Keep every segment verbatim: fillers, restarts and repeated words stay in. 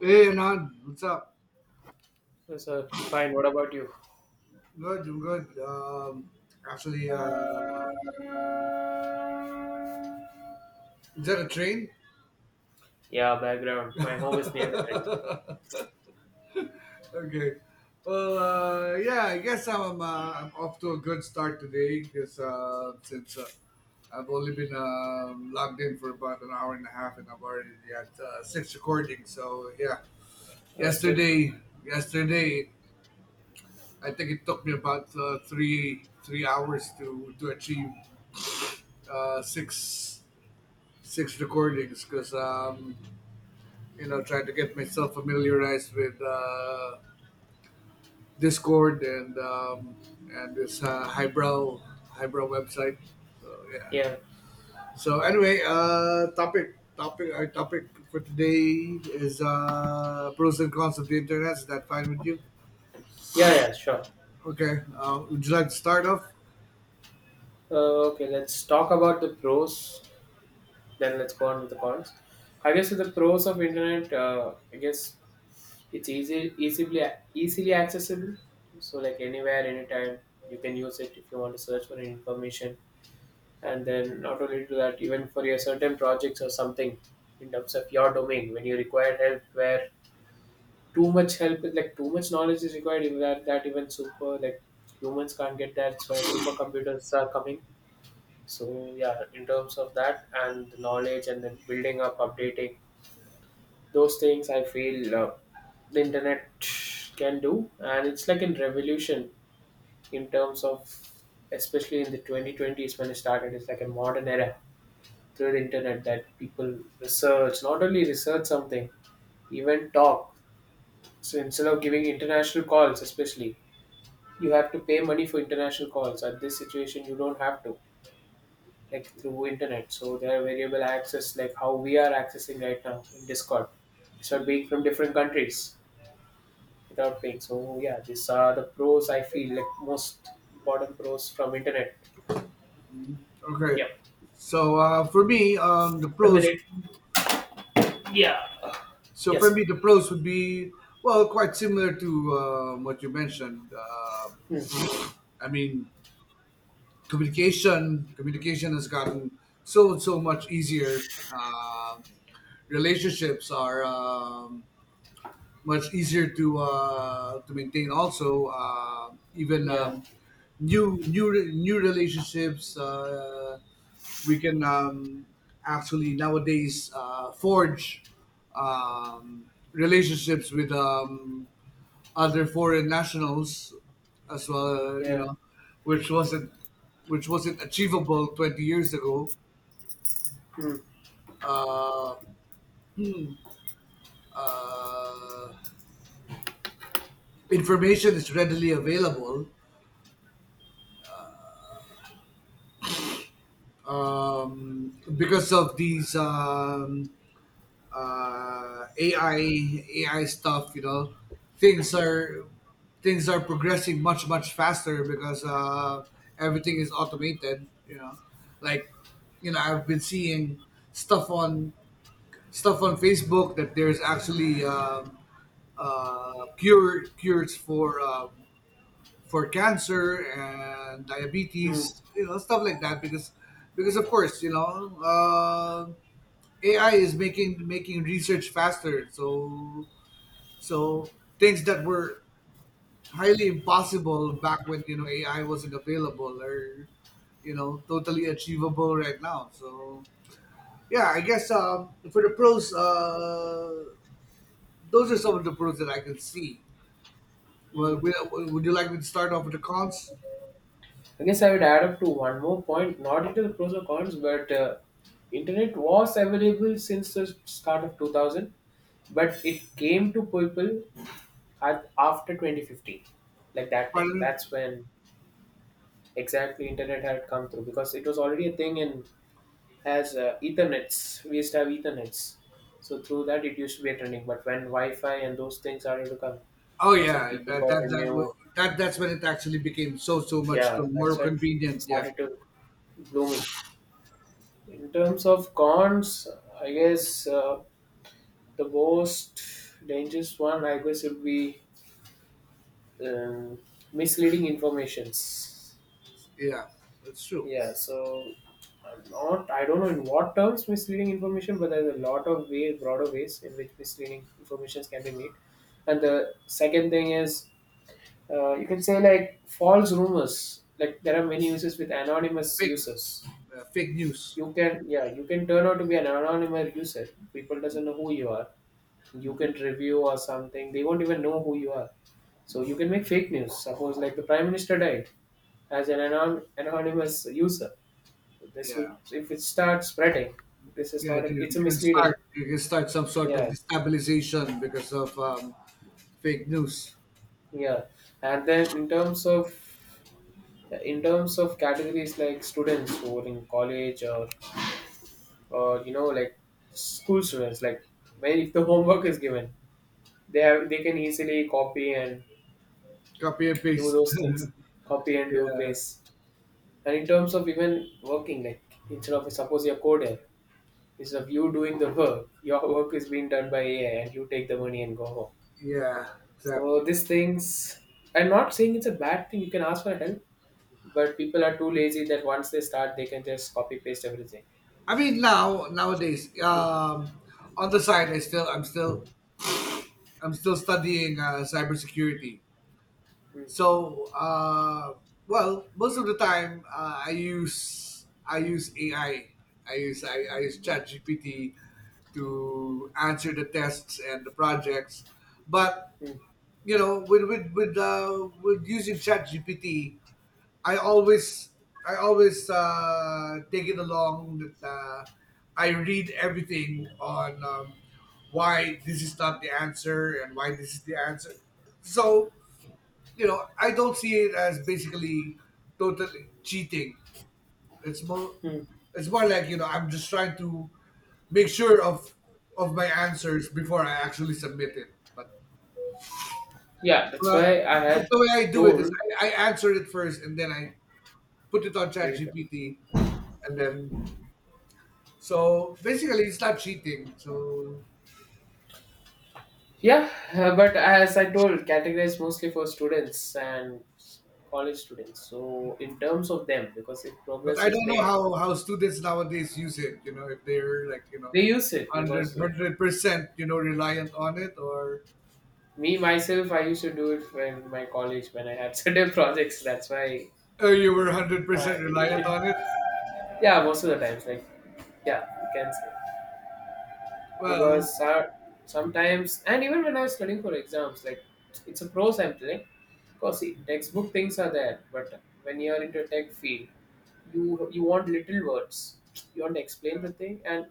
Hey Anand, what's up? Yes, sir. Fine. What about you? Good, I'm good. Um, actually, uh, is that a train? Yeah, background. My home is near the train. Okay. Well, uh, yeah, I guess I'm, uh, I'm off to a good start today because uh, since uh, I've only been um logged in for about an hour and a half, and I've already had uh, six recordings. So yeah, That's good. yesterday, yesterday, I think it took me about uh, three three hours to to achieve uh, six six recordings because um, you know trying to get myself familiarized with uh, Discord and um, and this uh, highbrow highbrow website. So yeah. Yeah. So anyway, uh, topic topic our topic for today is uh, pros and cons of the internet. Is that fine with you? Yeah, yeah, sure. Okay. Uh, would you like to start off? Uh, okay, let's talk about the pros. Then let's go on with the cons. I guess with the pros of internet, uh, I guess it's easy, easily, easily accessible. So like anywhere, anytime, you can use it if you want to search for any information. And then not only to that, even for your certain projects or something in terms of your domain, when you require help, where too much help like too much knowledge is required even that, that even super like humans can't get that. That's why supercomputers are coming. So yeah, in terms of that and the knowledge and then building up, updating those things, I feel uh, the internet can do, and it's like a revolution in terms of, especially in the twenty twenties when it started. It's like a modern era through the internet that people research, not only research something, even talk. So instead of giving international calls, especially you have to pay money for international calls, at this situation you don't have to, like through internet. So there are variable access, like how we are accessing right now in Discord. It's not being from different countries without paying. So yeah, these are the pros I feel like, most important pros from internet. Okay. Yeah, So uh, for me, um, the the pros minute. Yeah. So for Yes. me, the pros would be well quite similar to uh, what you mentioned. Uh, Hmm. I mean, communication communication has gotten so so much easier. Uh, relationships are um, much easier to uh, to maintain. Also, uh, even Yeah. um, new new re- new relationships uh, we can um, actually nowadays uh, forge um, relationships with um, other foreign nationals as well. You Yeah. know, which wasn't which wasn't achievable twenty years ago. Hmm. Uh, uh, Information is readily available um, because of these um, uh, A I A I stuff. You know, things are things are progressing much much faster because uh, everything is automated. You know, like you know, I've been seeing stuff on stuff on Facebook that there's actually um, uh, cure cures for. Um, for cancer and Hmm. diabetes, you know, stuff like that. Because, because of course, you know, uh, A I is making making research faster. So, so things that were highly impossible back when you know A I wasn't available are, you know, totally achievable right now. So yeah, I guess um, for the pros, uh, those are some of the pros that I can see. Well, Hmm. we- would you like me to start off with the cons? I guess I would add up to one more point, not into the pros or cons, but uh, internet was available since the start of two thousand, but it came to people at, after twenty fifteen, like that time. Pardon? That's when exactly internet had come through, because it was already a thing in as uh, Ethernets. We used to have Ethernets, so through that it used to be a trending. But when Wi-Fi and those things started to come, Oh that's when yeah, people that got a that that, new, will- that that's when it actually became so so much yeah. co- more That's when convenient. Yeah, started to blooming. In terms of cons, I guess uh, the most dangerous one, I guess, would be um, misleading informations. yeah, that's true. Yeah, so I'm not, I don't know in what terms misleading information, but there's a lot of way, broader ways in which misleading informations can be made. And the second thing is, uh, you can say like false rumors. Like there are many uses with anonymous Fake users. Uh, fake news. You can, yeah, you can turn out to be an anonymous user. People doesn't know who you are. You can review or something, they won't even know who you are. So you can make fake news, suppose like the prime minister died as an anon- anonymous user. This will, Yeah, if it starts spreading, this is yeah. not a, it's You a can misleading. Start you can start some sort of Yeah, destabilization because of um, fake news. yeah. And then in terms of, in terms of categories, like students who are in college or or you know, like school students, like when if the homework is given, they have, they can easily copy and Copy and do paste. those things, copy and do Yeah, paste. And in terms of even working, like instead of suppose you're a coder, instead of you doing the work, your work is being done by A I and you take the money and go home. yeah, So exactly. these things, I'm not saying it's a bad thing. You can ask for help, but people are too lazy that once they start, they can just copy paste everything. I mean now nowadays, Mm, um, on the side, I still I'm still I'm still studying uh, cybersecurity. mm, So, uh, well, most of the time, uh, I use I use A I. I I use I, I use ChatGPT to answer the tests and the projects. But mm, you know, with with with uh, with using ChatGPT, I always I always uh, take it along that uh, I read everything on um, why this is not the answer and why this is the answer. So you know, I don't see it as basically totally cheating. It's more, mm. it's more like you know, I'm just trying to make sure of of my answers before I actually submit it. But Yeah, that's uh, why I but had the way I do it is told. I, I answer it first and then I put it on ChatGPT and then so basically it's not cheating. So Yeah, uh, but as I told, categorized mostly for students and college students. So in terms of them, because if but progress I is don't know made. how how students nowadays use it. You know, if they're like you know. They use it hundred because uh, hundred percent you know reliant on it or me myself I used to do it when my college when I had certain projects, that's why Oh, you were uh, one hundred percent it, reliant on it? yeah, most of the times, like, yeah, you can say, Well, because uh, sometimes, and even when I was studying for exams, like it's a pros I'm telling, because see, textbook things are there, but when you're into a tech field, you you want little words, you want to explain the thing, and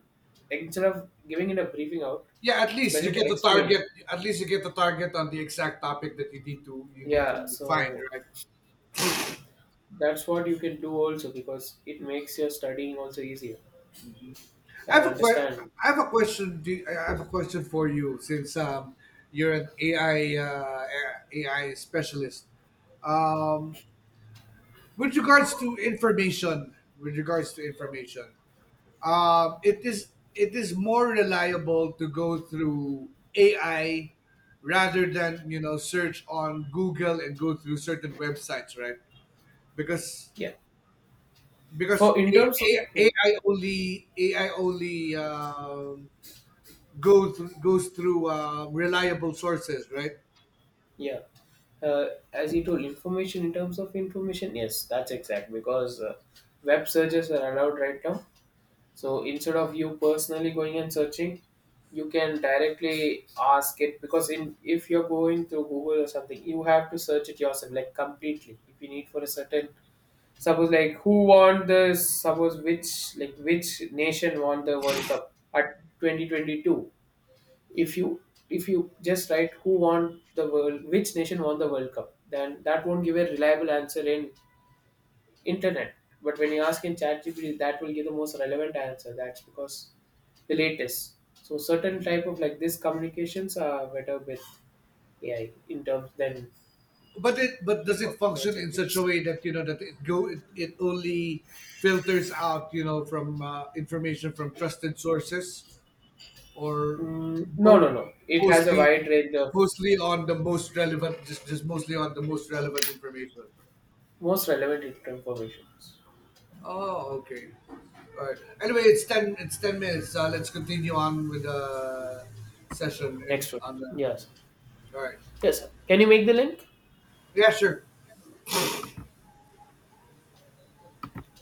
instead of giving it a briefing out, yeah, at it's least you better to get the explain. target at least you get the target on the exact topic that you need to you need Yeah, to find, so right? that's what you can do also, because it makes your studying also easier I and have a que- understanding. I have a question, do you- I have a question for you since um you're an A I uh, A I specialist. Um with regards to information, with regards to information, Um, it is it is more reliable to go through A I rather than you know search on Google and go through certain websites, right? Because Yeah, because for in A- terms of, A- AI only A I only um go through, goes through uh, reliable sources, right? yeah, uh, as you told, information in terms of information, yes, that's exact, because uh, web searches are allowed right now. So instead of you personally going and searching, you can directly ask it, because in, if you're going through Google or something, you have to search it yourself like completely, if you need for a certain. Suppose like who won the, suppose which like which nation won the World Cup at twenty twenty-two? If you, if you just write who won the world, which nation won the World Cup, then that won't give a reliable answer in internet. But when you ask in ChatGPT, that will give the most relevant answer. That's because the latest. So certain type of like this communications are better with A I in terms than But it but does it search function in such a engines. way that you know that it go it, it only filters out you know from uh, information from trusted sources? Or Mm, no, mo- no, no. It has a mostly wide range of mostly on the most relevant, just just mostly on the most relevant information. most relevant information. Oh okay, all right, anyway it's ten it's ten minutes, uh, let's continue on with the session. In Next one. on the Yes. All right. Yes, sir. Can you make the link? Yeah, sure. Yeah.